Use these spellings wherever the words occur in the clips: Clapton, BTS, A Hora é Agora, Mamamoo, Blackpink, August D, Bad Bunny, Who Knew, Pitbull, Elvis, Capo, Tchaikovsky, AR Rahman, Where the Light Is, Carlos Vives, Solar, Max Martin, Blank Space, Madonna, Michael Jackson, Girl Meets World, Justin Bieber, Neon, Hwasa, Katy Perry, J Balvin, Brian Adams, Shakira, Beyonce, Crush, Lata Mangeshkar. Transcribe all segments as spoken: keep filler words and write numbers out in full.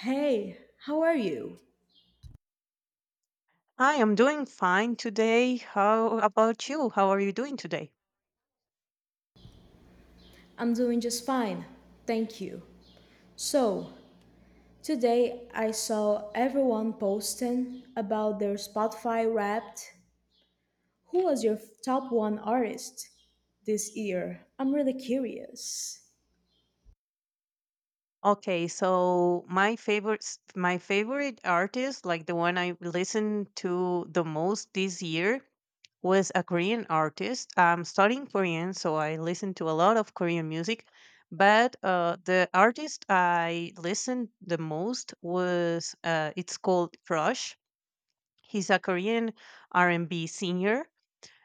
Hey, how are you? Hi, I'm doing fine today. How about you? How are you doing today? I'm doing just fine, thank you. So, today I saw everyone posting about their Spotify wrapped. Who was your top one artist this year? I'm really curious. Okay, so my favorite my favorite artist, like the one I listened to the most this year, was a Korean artist. I'm studying Korean, so I listen to a lot of Korean music, but uh, the artist I listened the most was uh, it's called Crush. He's a Korean R and B singer.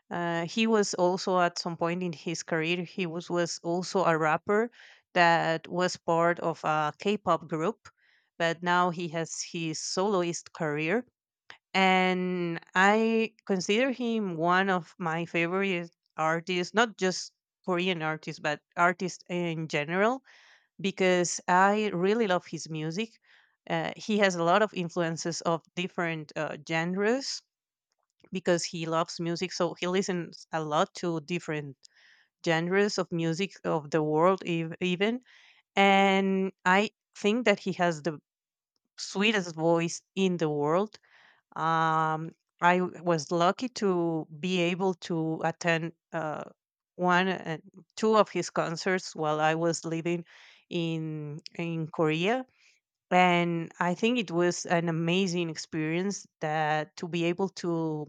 Uh, he was also at some point in his career, he was, was also a rapper that was part of a K-pop group, but now he has his soloist career. And I consider him one of my favorite artists, not just Korean artists, but artists in general, because I really love his music. Uh, he has a lot of influences of different uh, genres because he loves music. So he listens a lot to different genres of music of the world, ev- even. And I think that he has the sweetest voice in the world. Um, I w- was lucky to be able to attend uh, one and two of his concerts while I was living in in Korea, and I think it was an amazing experience that to be able to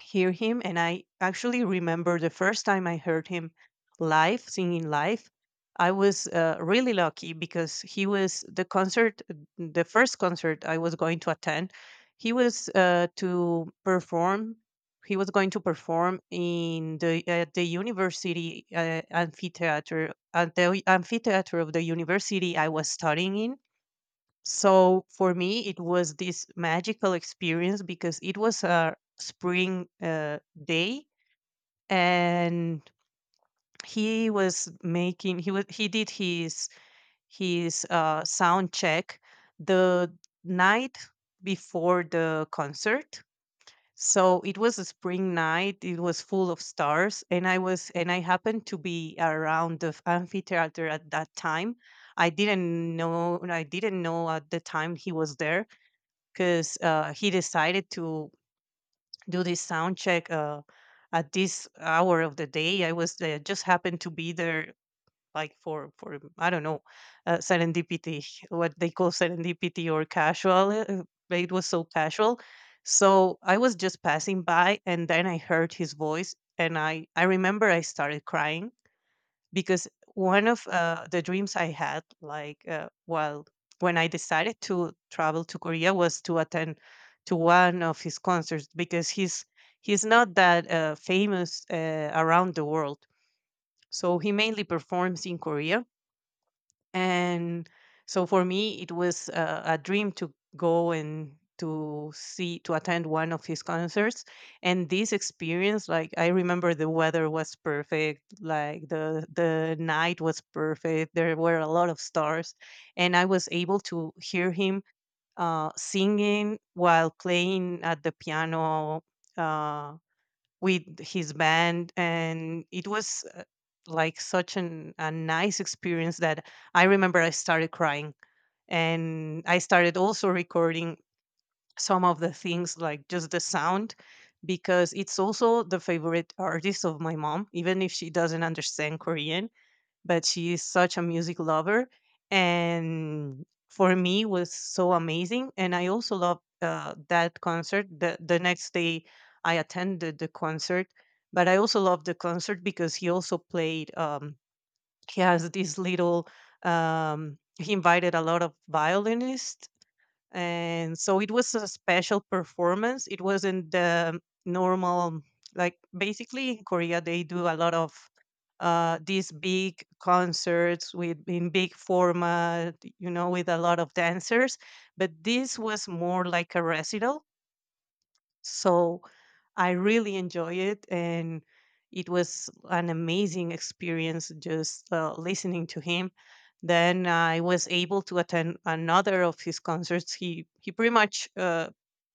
hear him. And I actually remember the first time I heard him live, singing live, I was uh, really lucky because he was the concert the first concert I was going to attend, he was uh, to perform he was going to perform in the at the university uh, amphitheater at the amphitheater of the university I was studying in. So for me, it was this magical experience because it was a spring uh, day, and he was making he was he did his his uh, sound check the night before the concert. So it was a spring night. It was full of stars, and I was and I happened to be around the amphitheater at that time. I didn't know I didn't know at the time he was there because uh, he decided to do this sound check uh, at this hour of the day. I was there, just happened to be there, like for for I don't know, uh, serendipity, what they call serendipity or casual. Uh, uh, but it was so casual, so I was just passing by, and then I heard his voice, and I I remember I started crying because one of uh, the dreams I had, like, uh, while when I decided to travel to Korea, was to attend to one of his concerts, because he's he's not that uh, famous uh, around the world. So he mainly performs in Korea, and so for me, it was a, a dream to go and to see to attend one of his concerts. And this experience, like I remember, the weather was perfect. Like the the night was perfect. There were a lot of stars, and I was able to hear him uh, singing while playing at the piano. Uh, with his band. And it was uh, like such an, a nice experience that I remember I started crying, and I started also recording some of the things, like just the sound, because it's also the favorite artist of my mom, even if she doesn't understand Korean, but she is such a music lover. And for me was so amazing. And I also loved uh, that concert. The, the next day I attended the concert, but I also loved the concert because he also played um, he has this little um, he invited a lot of violinists, and so it was a special performance. It wasn't the normal. Like basically in Korea they do a lot of uh, these big concerts with in big format, you know, with a lot of dancers, but this was more like a recital. So I really enjoy it, and it was an amazing experience just uh, listening to him. Then I was able to attend another of his concerts. He he pretty much uh,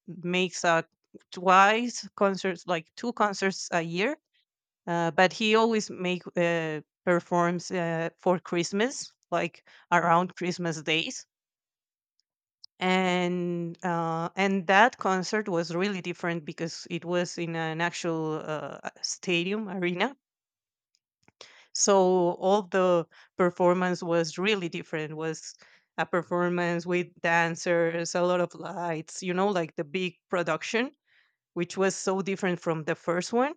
makes uh, twice concerts, like two concerts a year, uh, but he always make uh, performs uh, for Christmas, like around Christmas days. And uh, and that concert was really different because it was in an actual uh, stadium arena, so all the performance was really different. It was a performance with dancers, a lot of lights, you know, like the big production, which was so different from the first one.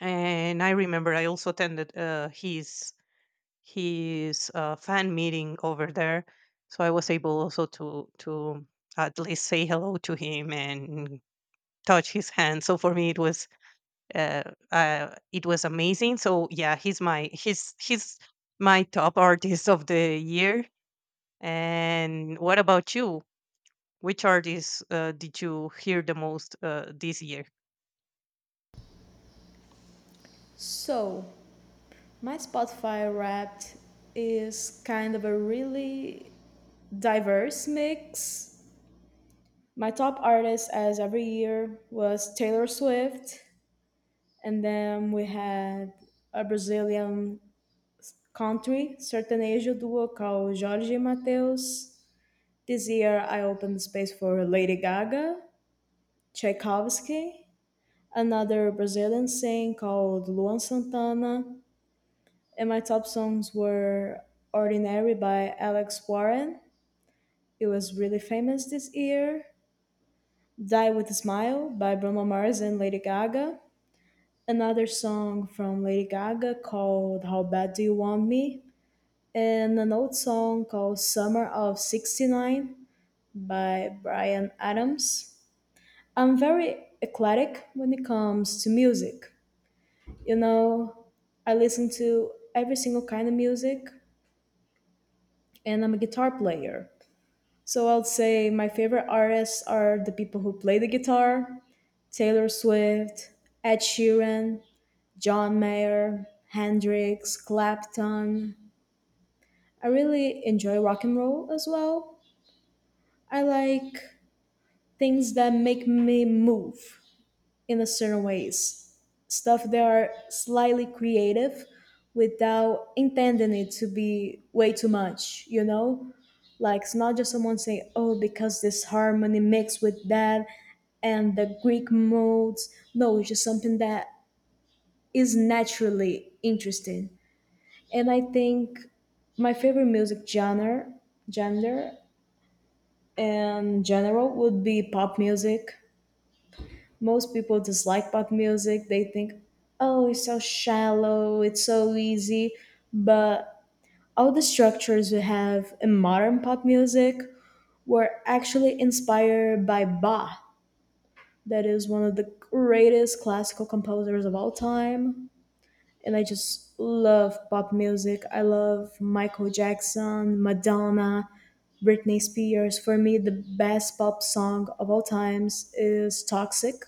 And I remember I also attended uh, his his uh, fan meeting over there. So I was able also to to at least say hello to him and touch his hand. So for me, it was uh, uh, it was amazing. So yeah, he's my he's he's my top artist of the year. And what about you? Which artists uh, did you hear the most uh, this year? So, my Spotify wrapped is kind of a really diverse mix. My top artist, as every year, was Taylor Swift. And then we had a Brazilian country sertanejo duo called Jorge e Mateus. This year, I opened space for Lady Gaga, Tchaikovsky, another Brazilian singer called Luan Santana, and my top songs were "Ordinary" by Alex Warren. It was really famous this year. "Die with a Smile" by Bruno Mars and Lady Gaga. Another song from Lady Gaga called "How Bad Do You Want Me?" and an old song called Summer of sixty-nine by Brian Adams. I'm very eclectic when it comes to music. You know, I listen to every single kind of music and I'm a guitar player. So I'd say my favorite artists are the people who play the guitar Taylor Swift, Ed Sheeran, John Mayer, Hendrix, Clapton. I really enjoy rock and roll as well. I like things that make me move in a certain ways stuff that are slightly creative without intending it to be way too much you know like it's not just someone saying oh because this harmony mixed with that and the greek modes no it's just something that is naturally interesting and I think my favorite music genre gender and general would be pop music Most people dislike pop music. They think, oh, it's so shallow, it's so easy. But all the structures we have in modern pop music were actually inspired by Bach, that is one of the greatest classical composers of all time. And I just love pop music. I love Michael Jackson, Madonna, Britney Spears. For me, the best pop song of all times is Toxic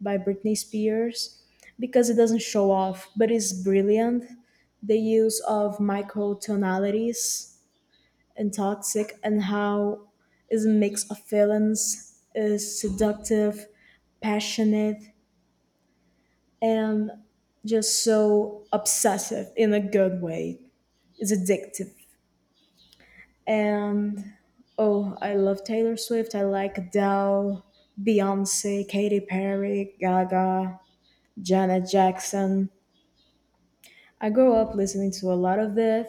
by Britney Spears because it doesn't show off, but it's brilliant. The use of microtonalities and toxic and how is a mix of feelings, is seductive, passionate, and just so obsessive in a good way. It's addictive. And oh, I love Taylor Swift. I like Adele, Beyonce, Katy Perry, Gaga, Janet Jackson. I grew up listening to a lot of this.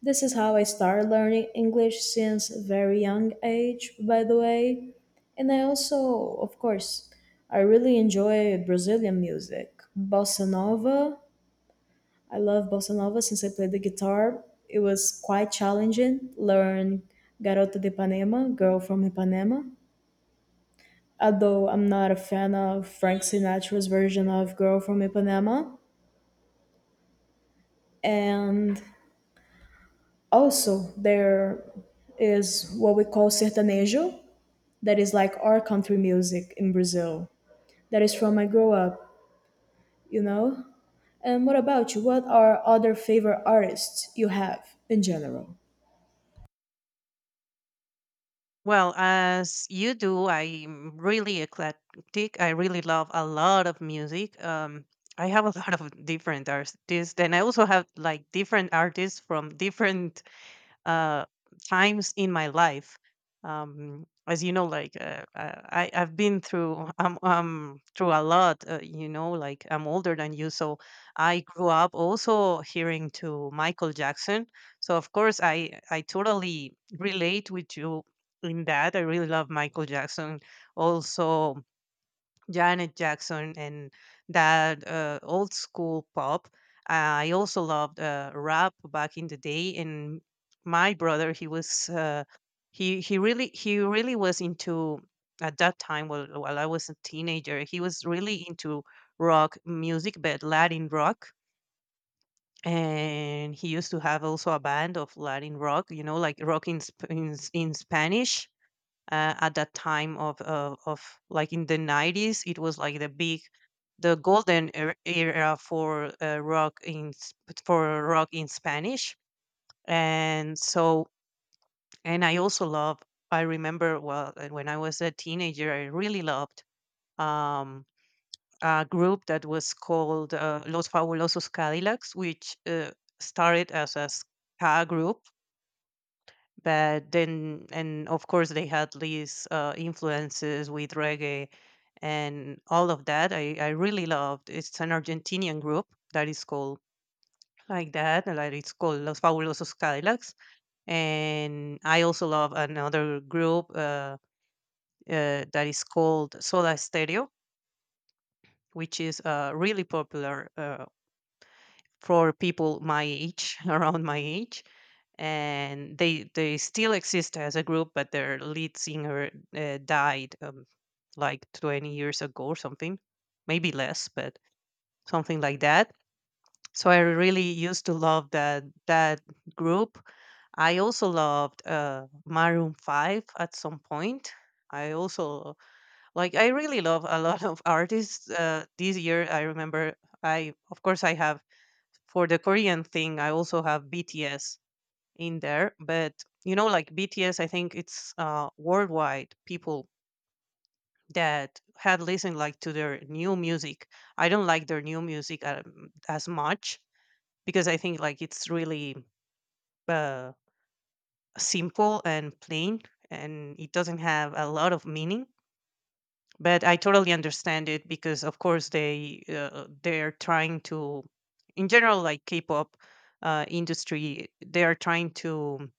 This is how I started learning English since a very young age, by the way. And I also, of course, I really enjoy Brazilian music. Bossa Nova. I love Bossa Nova since I played the guitar. It was quite challenging. Learn Garota de Ipanema, Girl from Ipanema. Although I'm not a fan of Frank Sinatra's version of Girl from Ipanema. And Also, there is what we call sertanejo, that is like our country music in Brazil. That is from my grow up, you know? And what about you? What are other favorite artists you have in general? Well, as you do, I'm really eclectic. I really love a lot of music. Um, I have a lot of different artists, and I also have like different artists from different uh, times in my life. Um, as you know, like uh, uh, I, I've been through um, um through a lot. Uh, you know, like I'm older than you, so I grew up also hearing to Michael Jackson. So of course, I I totally relate with you in that. I really love Michael Jackson. Also, Janet Jackson and that uh, old school pop. Uh, I also loved uh, rap back in the day. And my brother, he was uh, he he really he really was into, at that time, while while I was a teenager, he was really into rock music, but Latin rock. And he used to have also a band of Latin rock, you know, like rock in, sp- in, in Spanish. Uh, at that time of, of of like in the nineties, it was like the big the golden er- era for uh, rock in s- for rock in Spanish. and so and I also love. I remember well uh, when I was a teenager, I really loved um, a group that was called uh, Los Fabulosos Cadillacs, which uh, started as a ska group. But then and Of course they had these uh, influences with reggae and all of that. I, I really loved It's an Argentinian group that is called like that. And like it's called Los Fabulosos Cadillacs. And I also love another group uh, uh, that is called Soda Stereo, which is uh, really popular uh, for people my age, around my age. And they they still exist as a group, but their lead singer uh, died um, like twenty years ago or something, maybe less, but something like that. So I really used to love that that group. I also loved uh, Maroon Five at some point. I also like I really love a lot of artists. Uh, this year, I remember I of course I have, for the Korean thing, I also have B T S in there. But you know, like B T S, I think it's uh, worldwide people that had listened like to their new music. I don't like their new music um, as much because I think like it's really uh, simple and plain, and it doesn't have a lot of meaning. But I totally understand it because, of course, they uh, they're trying to, in general, like K-pop uh, industry, they are trying to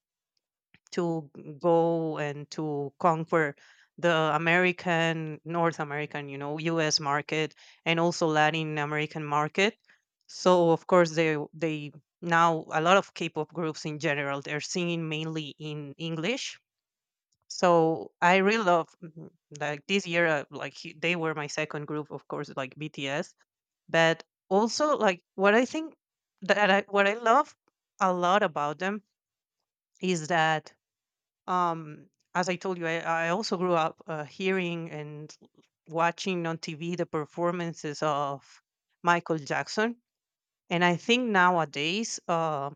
to go and to conquer the American, North American, you know, U S market, and also Latin American market. So of course they they, now a lot of K-pop groups in general, they're singing mainly in English. So I really love mm, like this year uh, like hu- they were my second group, of course, like B T S. But also like what I think that I, what I love a lot about them is that um, as I told you, I, I also grew up uh, hearing and watching on T V the performances of Michael Jackson. And I think nowadays uh,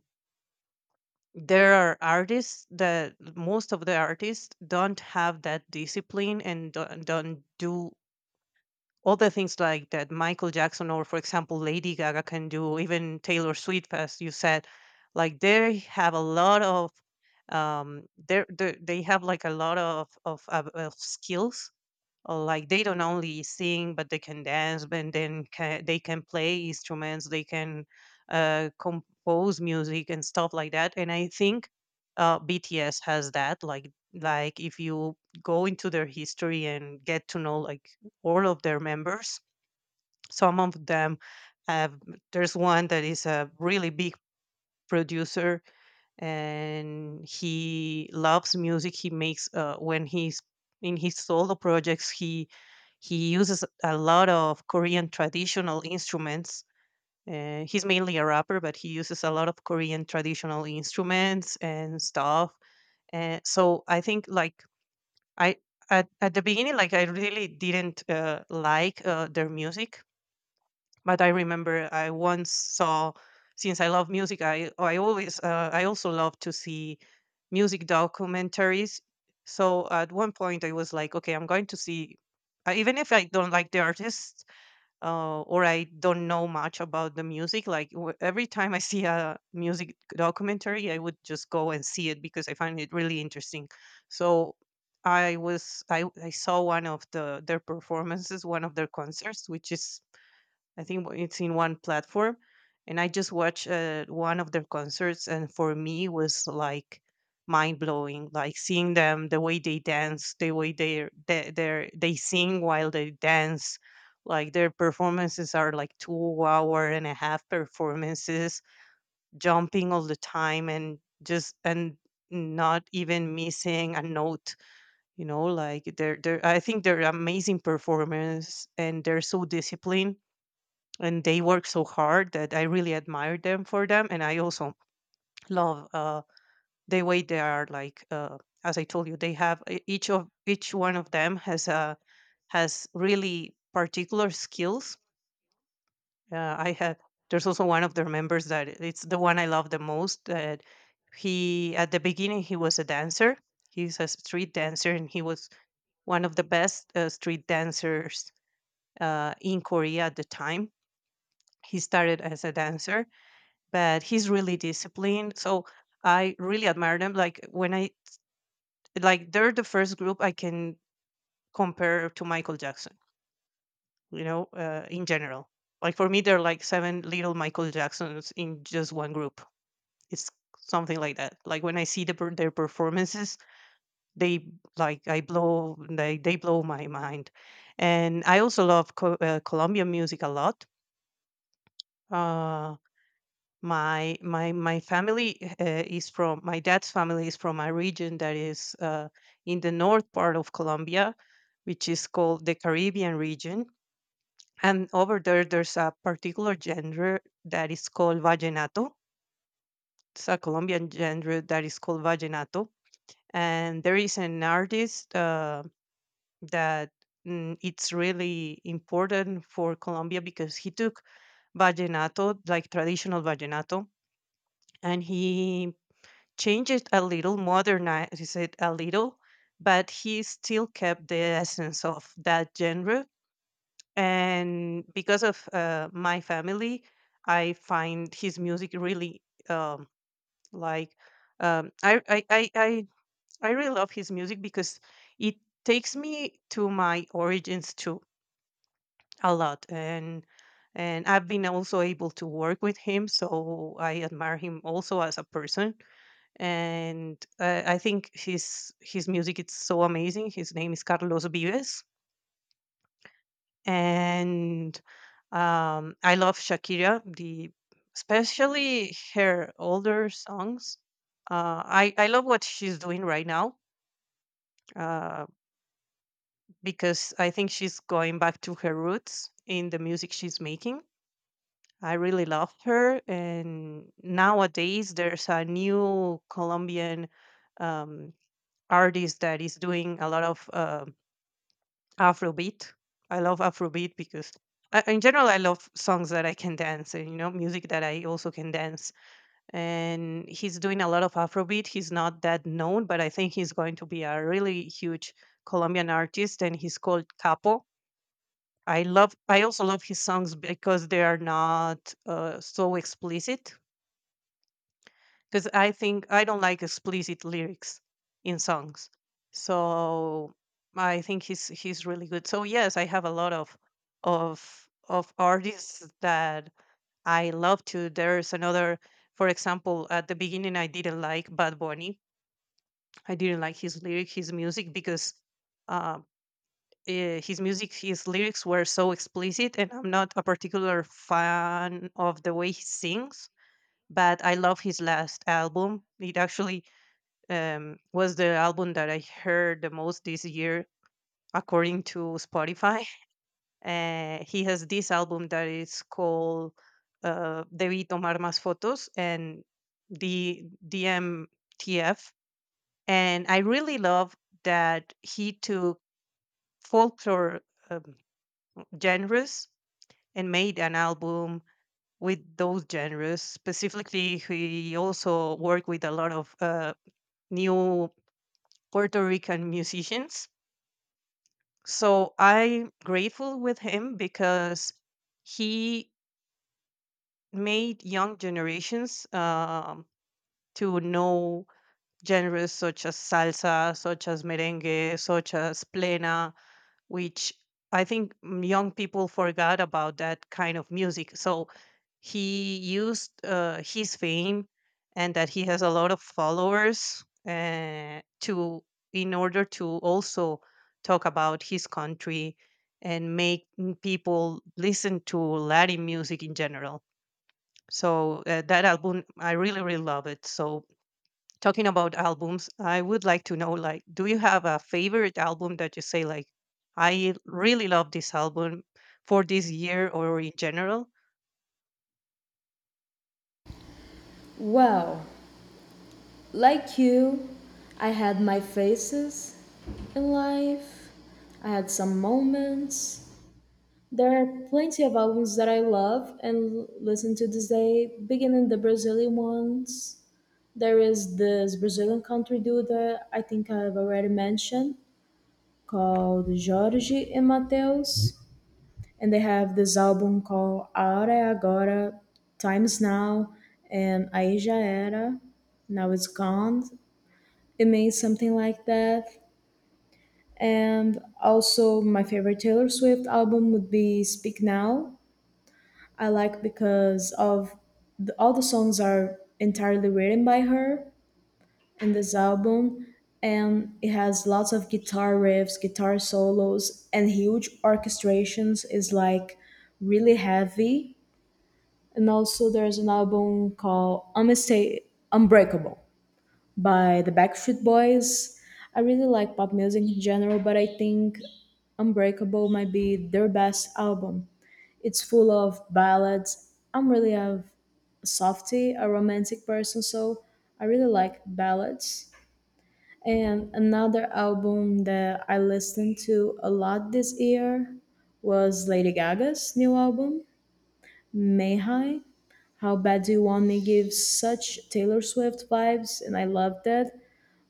there are artists, that most of the artists don't have that discipline and don't, don't do other things like that Michael Jackson or, for example, Lady Gaga can do, even Taylor Swift, as you said, like they have a lot of um, they're, they they have like a lot of of, of, of skills. Uh, like they don't only sing, but they can dance, and then can, they can play instruments, they can uh, compose music and stuff like that. And I think uh, BTS has that. Like like if you go into their history and get to know like all of their members, some of them have, there's one that is a really big producer, and he loves music. He makes uh, when he's in his solo projects, he he uses a lot of Korean traditional instruments. Uh, he's mainly a rapper, but he uses a lot of Korean traditional instruments and stuff. And so I think like I at, at the beginning, like I really didn't uh, like uh, their music, but I remember I once saw, since I love music, I I always uh, I also love to see music documentaries. So at one point I was like, okay, I'm going to see, uh, even if I don't like the artist uh, or I don't know much about the music. Like w- every time I see a music documentary, I would just go and see it because I find it really interesting. So I was I, I saw one of the their performances, one of their concerts, which is I think w- it's in one platform, and I just watched uh, one of their concerts, and for me it was like mind blowing. Like seeing them, the way they dance, the way they they they they sing while they dance. Like their performances are like two hour and a half performances, jumping all the time and just and not even missing a note, you know like they're they're I think they're amazing performers and they're so disciplined, and they work so hard that I really admire them for them. And I also love, uh, the way they are like, uh, as I told you, they have e- each of each one of them has uh, has really particular skills. Uh, I have There's also one of their members that it's the one I love the most. That he At the beginning he was a dancer. He's a street dancer, and he was one of the best uh, street dancers uh, in Korea at the time. He started as a dancer, but he's really disciplined. So I really admire them. Like when I Like they're the first group I can compare to Michael Jackson. You know, uh, in general, like for me, they're like seven little Michael Jacksons in just one group. It's something like that. Like when I see the, per- their performances, they, like I blow they they blow my mind. And I also love co- uh, Colombian music a lot. Uh, my my my family uh, is from my dad's family is from a region that is uh, in the north part of Colombia, which is called the Caribbean region. And over there, there's a particular genre that is called vallenato. It's a Colombian genre that is called vallenato, and there is an artist uh, that mm, it's really important for Colombia because he took vallenato, like traditional vallenato, and he change it a little, modernize it a little, but he still kept the essence of that genre. And because of uh, my family, I find his music really um, like um, I, I I I I really love his music because it takes me to my origins too a lot, and and I've been also able to work with him, so I admire him also as a person. And uh, I think his his music is so amazing. His name is Carlos Vives, and um, I love Shakira, the especially her older songs. Uh, I I love what she's doing right now, uh, because I think she's going back to her roots in the music she's making. I really love her. And nowadays there's a new Colombian um, artist that is doing a lot of uh, Afrobeat. I love Afrobeat because, I, in general, I love songs that I can dance and you know music that I also can dance. And he's doing a lot of Afrobeat. He's not that known, but I think he's going to be a really huge Colombian artist, and he's called Capo. I love. I also love his songs because they are not uh, so explicit, because I think I don't like explicit lyrics in songs. So I think he's he's really good. So yes, I have a lot of of of artists that I love to. There's another, for example, at the beginning I didn't like Bad Bunny. I didn't like his lyric, his music because uh, eh, his music, his lyrics were so explicit, and I'm not a particular fan of the way he sings. But I love his last album. It actually um, was the album that I heard the most this year, according to Spotify. Uh, he has this album that is called uh, Debí Tomar Más Fotos, and the D M T F. And I really love that he took folklore um, genres and made an album with those genres. Specifically, he also worked with a lot of uh, new Puerto Rican musicians. So I'm grateful with him because he made young generations um, to know genres such as salsa, such as merengue, such as plena, which I think mm, young people forgot about that kind of music. So he used uh, his fame and that he has a lot of followers uh, to, in order to also talk about his country and make, mm, people listen to Latin music in general. So uh, that album, I really, really love it. So talking about albums, I would like to know, like, do you have a favorite album that you say, like, I really love this album for this year or in general? Well, like you, I had my phases in life. I had some moments. There are plenty of albums that I love and listen to this day, beginning the Brazilian ones There is this Brazilian country dude that I think I've already mentioned called Jorge and Mateus, and they have this album called A Hora é Agora, Times Now, and Aí Já Era, Now It's Gone. It means something like that. And also, my favorite Taylor Swift album would be Speak Now. I like because of the, all the songs are entirely written by her in this album and it has lots of guitar riffs, guitar solos and huge orchestrations is like really heavy. And also there's an album called Unmista- Unbreakable by the Backstreet Boys. I really like pop music in general, but I think Unbreakable might be their best album. It's full of ballads. I'm really a softy, a romantic person, so I really like ballads. And another album that I listened to a lot this year was Lady Gaga's new album, Mayhigh. How Bad Do You Want Me gives such Taylor Swift vibes, and I loved that.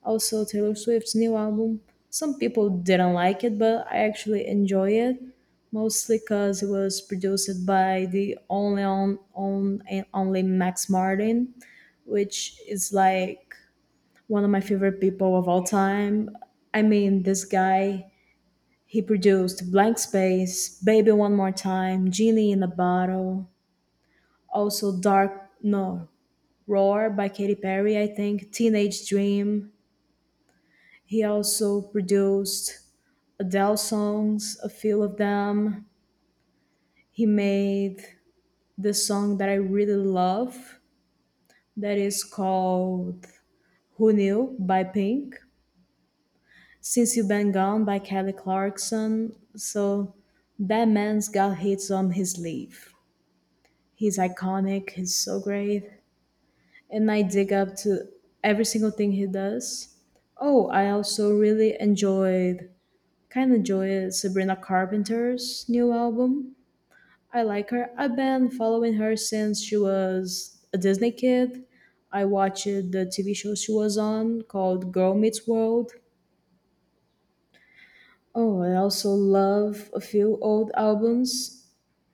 Also, Taylor Swift's new album. Some people didn't like it, but I actually enjoy it, mostly because it was produced by the only on, on, and only Max Martin, which is like one of my favorite people of all time. I mean, this guy, he produced Blank Space, Baby One More Time, Genie in a Bottle, also Dark, no, Roar by Katy Perry, I think, Teenage Dream. He also produced Adele songs, a few of them. He made this song that I really love that is called Who Knew by Pink Since You Been Gone by Kelly Clarkson. So that man's got hits on his sleeve. He's iconic, he's so great. And I dig up to every single thing he does. Oh, I also really enjoyed, kind of enjoyed Sabrina Carpenter's new album. I like her. I've been following her since she was a Disney kid. I watched the T V show she was on called Girl Meets World. Oh, I also love a few old albums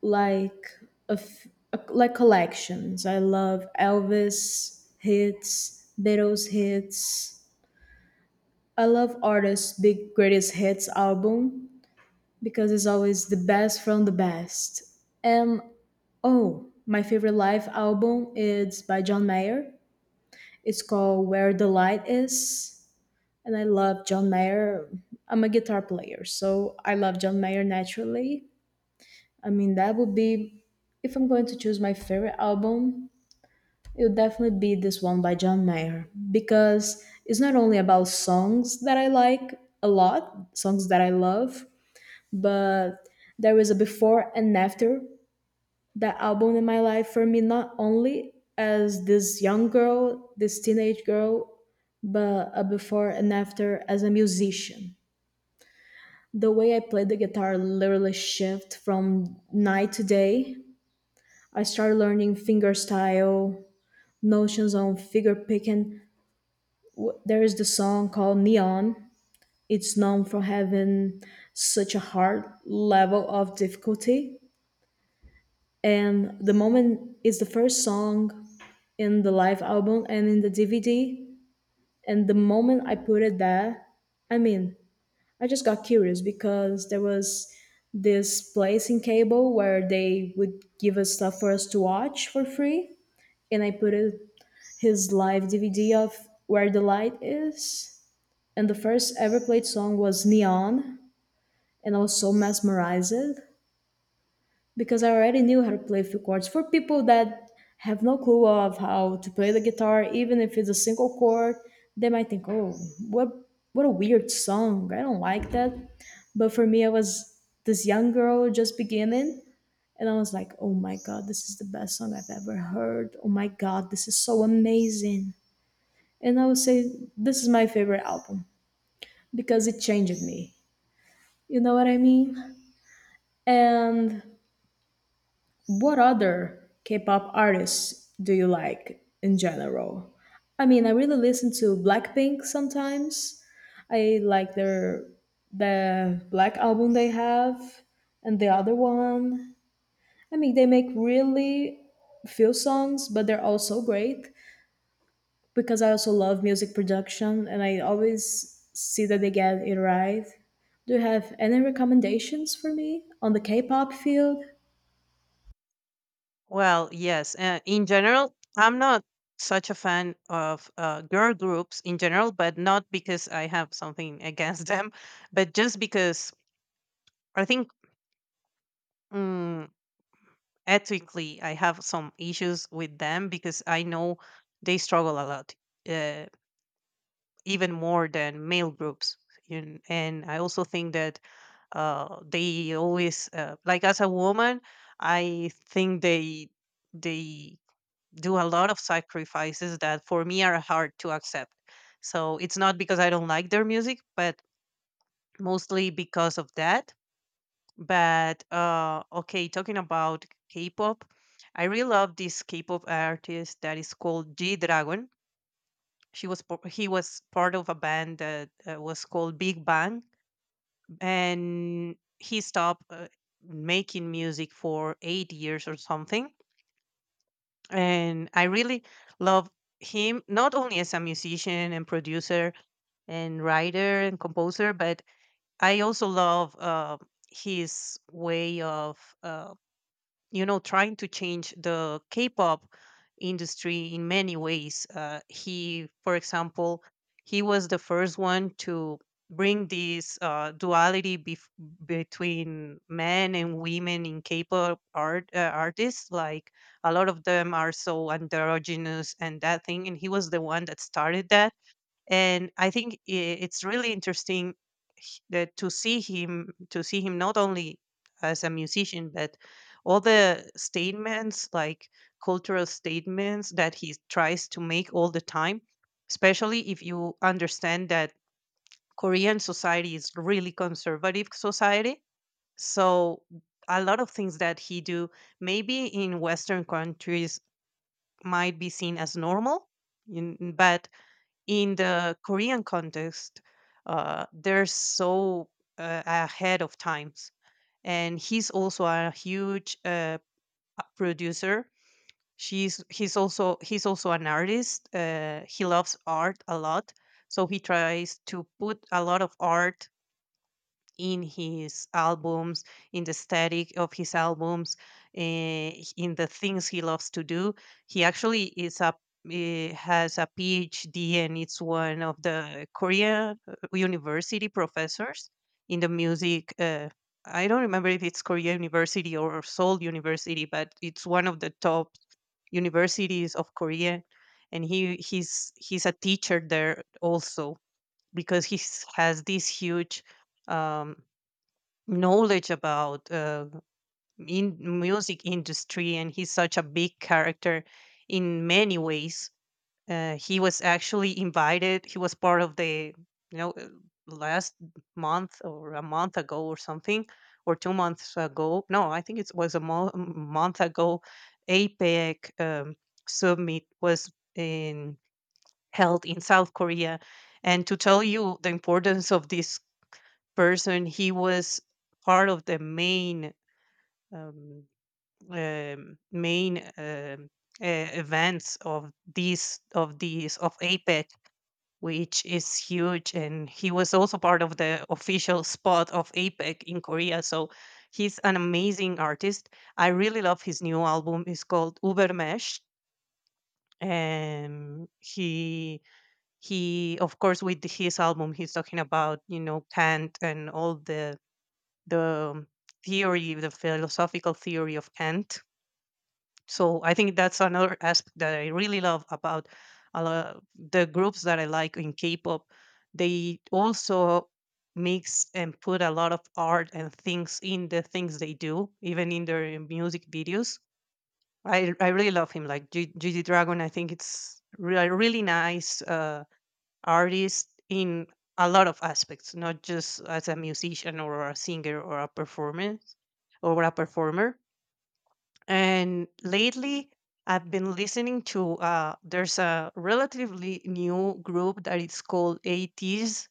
like a f- a- like collections. I love Elvis hits, Beatles hits. I love artists' big greatest hits album because it's always the best from the best. And oh, my favorite live album is by John Mayer. It's called Where the Light Is, and I love John Mayer. I'm a guitar player, so I love John Mayer naturally I mean, that would be, if I'm going to choose my favorite album, it would definitely be this one by John Mayer because it's not only about songs that I like a lot, songs that I love, but there was a before and after that album in my life for me, not only as this young girl, this teenage girl, but a before and after as a musician. The way I played the guitar literally shift from night to day I started learning fingerstyle, notions on figure picking. W- There is the song called Neon. It's known for having such a hard level of difficulty. And the moment is the first song in the live album and in the D V D. And the moment I put it there, I mean, I just got curious because there was this place in cable where they would give us stuff for us to watch for free. And I put it his live D V D of Where the Light Is. And the first ever played song was Neon. And I was so mesmerized because I already knew how to play a few chords. For people that have no clue of how to play the guitar, even if it's a single chord, they might think, "Oh, what what a weird song! I don't like that." But for me, I was this young girl just beginning, and I was like, "Oh my god, this is the best song I've ever heard! Oh my god, this is so amazing!" and I would say this is my favorite album because it changed me. You know what I mean? And what other K-pop artists do you like in general? I mean, I really listen to Blackpink sometimes. I like their the Black album they have and the other one. I mean, they make really few songs, but they're all so great. Because I also love music production and I always see that they get it right. Do you have any recommendations for me on the K pop field? Well, yes. Uh, in general, I'm not such a fan of uh, girl groups in general, but not because I have something against them, but just because I think, mm, ethically I have some issues with them because I know they struggle a lot. Uh, Even more than male groups. And, and I also think that uh, they always, uh, like as a woman, I think they they do a lot of sacrifices that for me are hard to accept. So it's not because I don't like their music, but mostly because of that. But uh, okay, talking about K-pop, I really love this K-pop artist that is called G Dragon. She was p He was part of a band that, uh, was called Big Bang, and he stopped, uh, making music for eight years or something, and I really love him, not only as a musician and producer and writer and composer, but I also love, uh, his way of, uh you know, trying to change the k-pop industry in many ways. Uh, he, for example, he was the first one to bring this uh, duality bef- between men and women in k-pop art uh, artists, like a lot of them are so androgynous and that thing, and he was the one that started that. And I think i- it's really interesting h- that to see him, to see him not only as a musician, but all the statements, like cultural statements, that he tries to make all the time, especially if you understand that korean society is really conservative society. So a lot of things that he do maybe in western countries might be seen as normal, in- but in the Korean context, uh, they're so uh, ahead of times. And he's also a huge uh, p- producer. She's he's also He's also an artist. Uh, he loves art a lot, so he tries to put a lot of art in his albums, in the static of his albums, eh, in the things he loves to do. He actually is a eh, has a PhD, and it's one of the Korea uh, university professors in the music. Uh, I don't remember if it's Korea University or Seoul University, but it's one of the top universities of Korea, and he he's he's a teacher there also because he has this huge um, knowledge about uh, in music industry, and he's such a big character in many ways. Uh, he was actually invited, he was part of the, you know, uh, last month, or a month ago or something, or two months ago, no, I think it was a mo- month ago, apec um, summit was in held in south korea. And to tell you the importance of this person, he was part of the main um, um, main um, uh, events of these of these of APEC, which is huge, and he was also part of the official spot of APEC in Korea. So he's an amazing artist. I really love his new album. It's called Ubermesh, and he he of course, with his album he's talking about, you know, Kant and all the the theory, the philosophical theory of Kant. So I think that's another aspect that I really love about a lot the groups that I like in K-pop. They also mix and put a lot of art and things in the things they do, even in their music videos. I I really love him. Like G- GG Dragon, I think it's really really nice uh, artist in a lot of aspects, not just as a musician or a singer or a performance or a performer. And lately, I've been listening to, uh, there's a relatively new group that is called A Ts.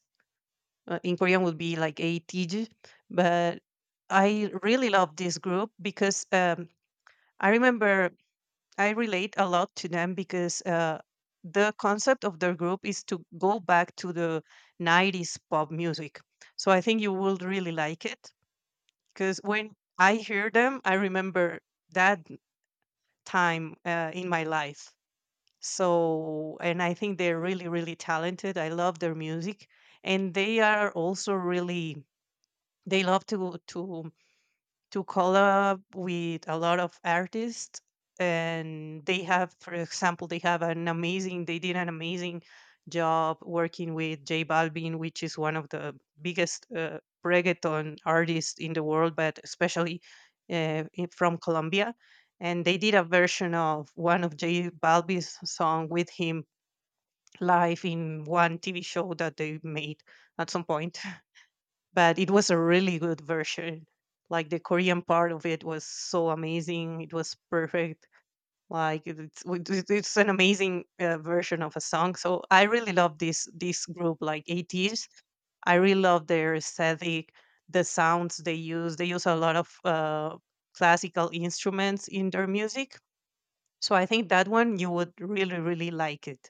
Uh, in Korean, would be like A T G, but I really love this group because um, I remember I relate a lot to them because uh, the concept of their group is to go back to the nineties pop music. So I think you will really like it because when I hear them, I remember that time uh, in my life. So, and I think they're really, really talented. I love their music, and they are also really they love to to to collab with a lot of artists, and they have, for example, they have an amazing they did an amazing job working with J Balvin, which is one of the biggest uh, reggaeton artists in the world, but especially uh, in- from Colombia. And they did a version of one of J Balvin's song with him live in one T V show that they made at some point, but it was a really good version. Like, the Korean part of it was so amazing. It was perfect. Like it- it's w- it- it's an amazing uh, version of a song. So I really love this this group, like A Ts. I really love their aesthetic, the sounds they use. They use a lot of uh, classical instruments in their music. So I think that one you would really, really like it.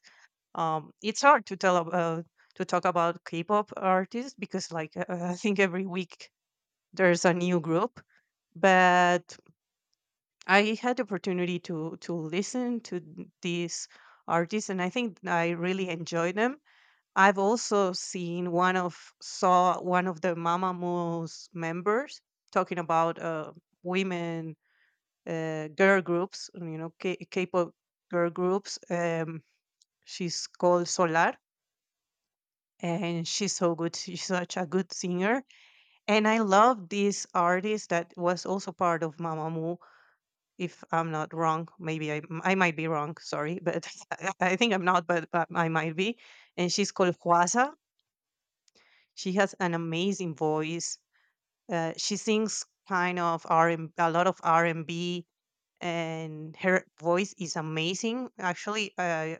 Um, it's hard to tell about to talk about K-pop artists because, like, uh, I think every week there's a new group, but I had the opportunity to to listen to these artists, and I think I really enjoyed them. I've also seen one of saw one of the Mamamoo's members talking about uh, women uh, girl groups, you know, K- k-pop girl groups. Um, she's called Solar, and she's so good. She's such a good singer, and I love this artist that was also part of Mamamoo, if I'm not wrong. Maybe I I might be wrong. Sorry, but I I think I'm not, but, but I might be. And she's called Huasa. She has an amazing voice. Uh, she sings kind of R and a lot of R and B, and her voice is amazing. Actually, uh,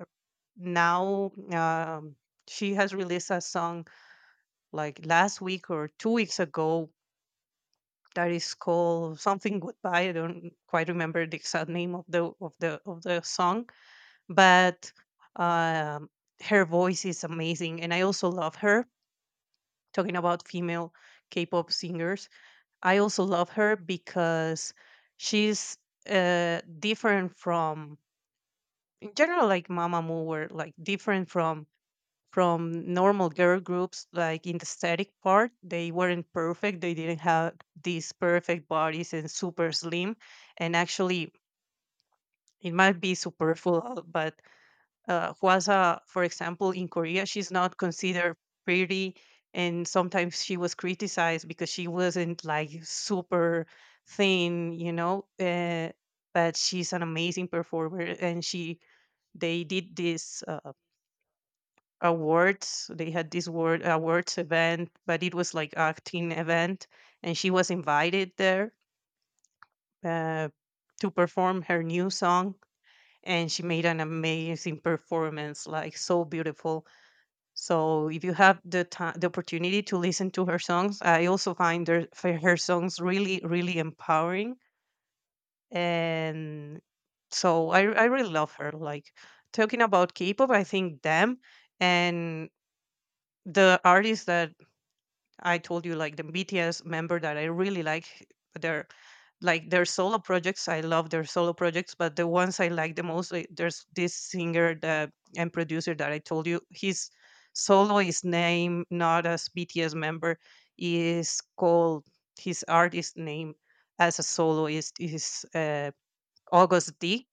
now um, she has released a song like last week or two weeks ago that is called something goodbye. I don't quite remember the exact name of the of the of the song, but um, her voice is amazing, and I also love her. Talking about female k-pop singers, I also love her because she's uh, different from, in general, like Mamamoo were like different from from normal girl groups. Like, in the static part, they weren't perfect. They didn't have these perfect bodies and super slim. And actually, it might be superfluous, but uh, Hwasa, for example, in Korea, she's not considered pretty. And sometimes she was criticized because she wasn't like super thin, you know. Uh, but she's an amazing performer, and she they did this uh, awards. They had this word awards event, but it was like acting event, and she was invited there uh, to perform her new song, and she made an amazing performance, like so beautiful. So if you have the time, the opportunity to listen to her songs, I also find her, for her songs, really, really empowering. And so I, I really love her. Like, talking about K-pop, I think them and the artists that I told you, like the B T S member that I really like their, like their solo projects. I love their solo projects. But the ones I like the most, like, there's this singer that and producer that I told you. His solo is name, not as B T S member, is called, his artist name as a soloist is uh, August D.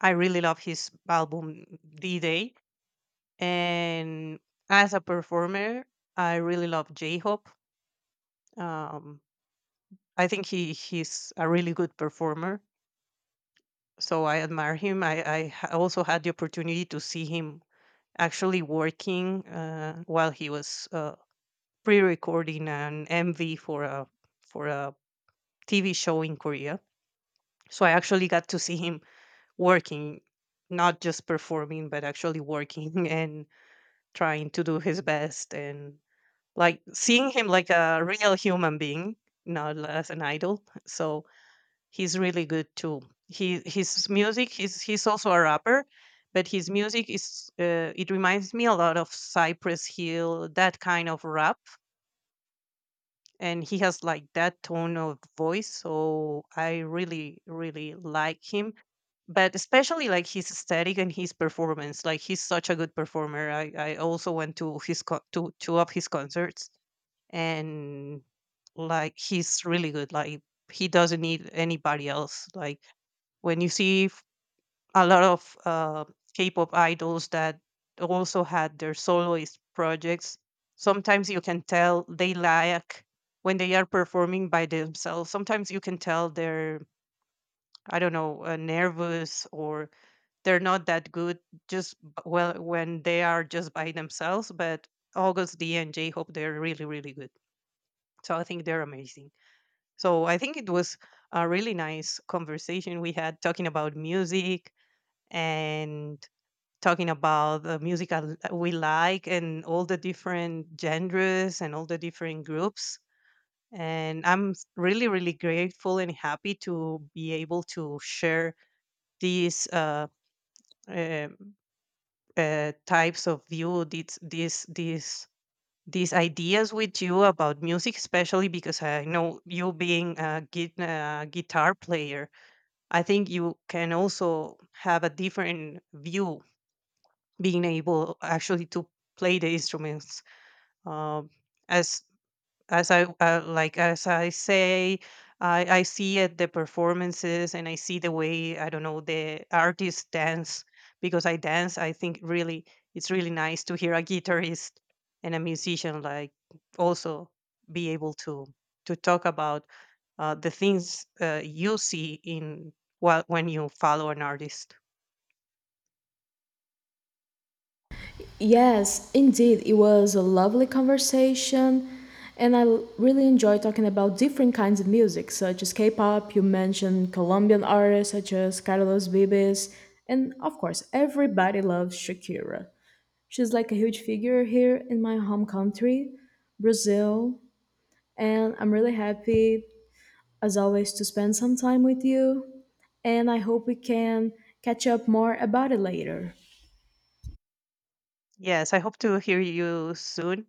I really love his album D Day. And as a performer, I really love J Hope. Um, I think he he's a really good performer, so I admire him. I I ha- also had the opportunity to see him actually working uh, while he was uh, pre-recording an M V for a for a T V show in Korea. So I actually got to see him working, not just performing, but actually working and trying to do his best, and like seeing him like a real human being, not as an idol. So he's really good too. He His music, he's he's also a rapper, but his music is, uh, it reminds me a lot of Cypress Hill, that kind of rap, and he has like that tone of voice. So I really, really like him, but especially like his aesthetic and his performance. Like, he's such a good performer. I I also went to his co- to two of his concerts, and like, he's really good. Like, he doesn't need anybody else. Like, when you see f- a lot of uh, K-pop idols that also had their soloist projects, sometimes you can tell they lack when they are performing by themselves. Sometimes you can tell they're, I don't know, uh, nervous, or they're not that good, just b- well when they are just by themselves. But August D and J Hope, they're really, really good. So I think they're amazing. So I think it was a really nice conversation we had, talking about music and talking about the music I l- we like and all the different genres and all the different groups. And I'm s- really, really grateful and happy to be able to share these uh, uh, uh, types of view, these, these, these, these ideas with you about music, especially because I know you being a gui- uh, guitar player, I think you can also have a different view, being able actually to play the instruments. um, as as I uh, like as I say, I, I see at the performances, and I see the way, I don't know, the artists dance, because I dance. I think really it's really nice to hear a guitarist and a musician like also be able to to talk about uh, the things uh, you see in, while when you follow an artist. Yes, indeed. It was a lovely conversation. And I l- really enjoy talking about different kinds of music, such as K pop. You mentioned Colombian artists such as Carlos Vives. And of course, everybody loves Shakira. She's like a huge figure here in my home country, Brazil. And I'm really happy as always, to spend some time with you, and I hope we can catch up more about it later. Yes, I hope to hear you soon.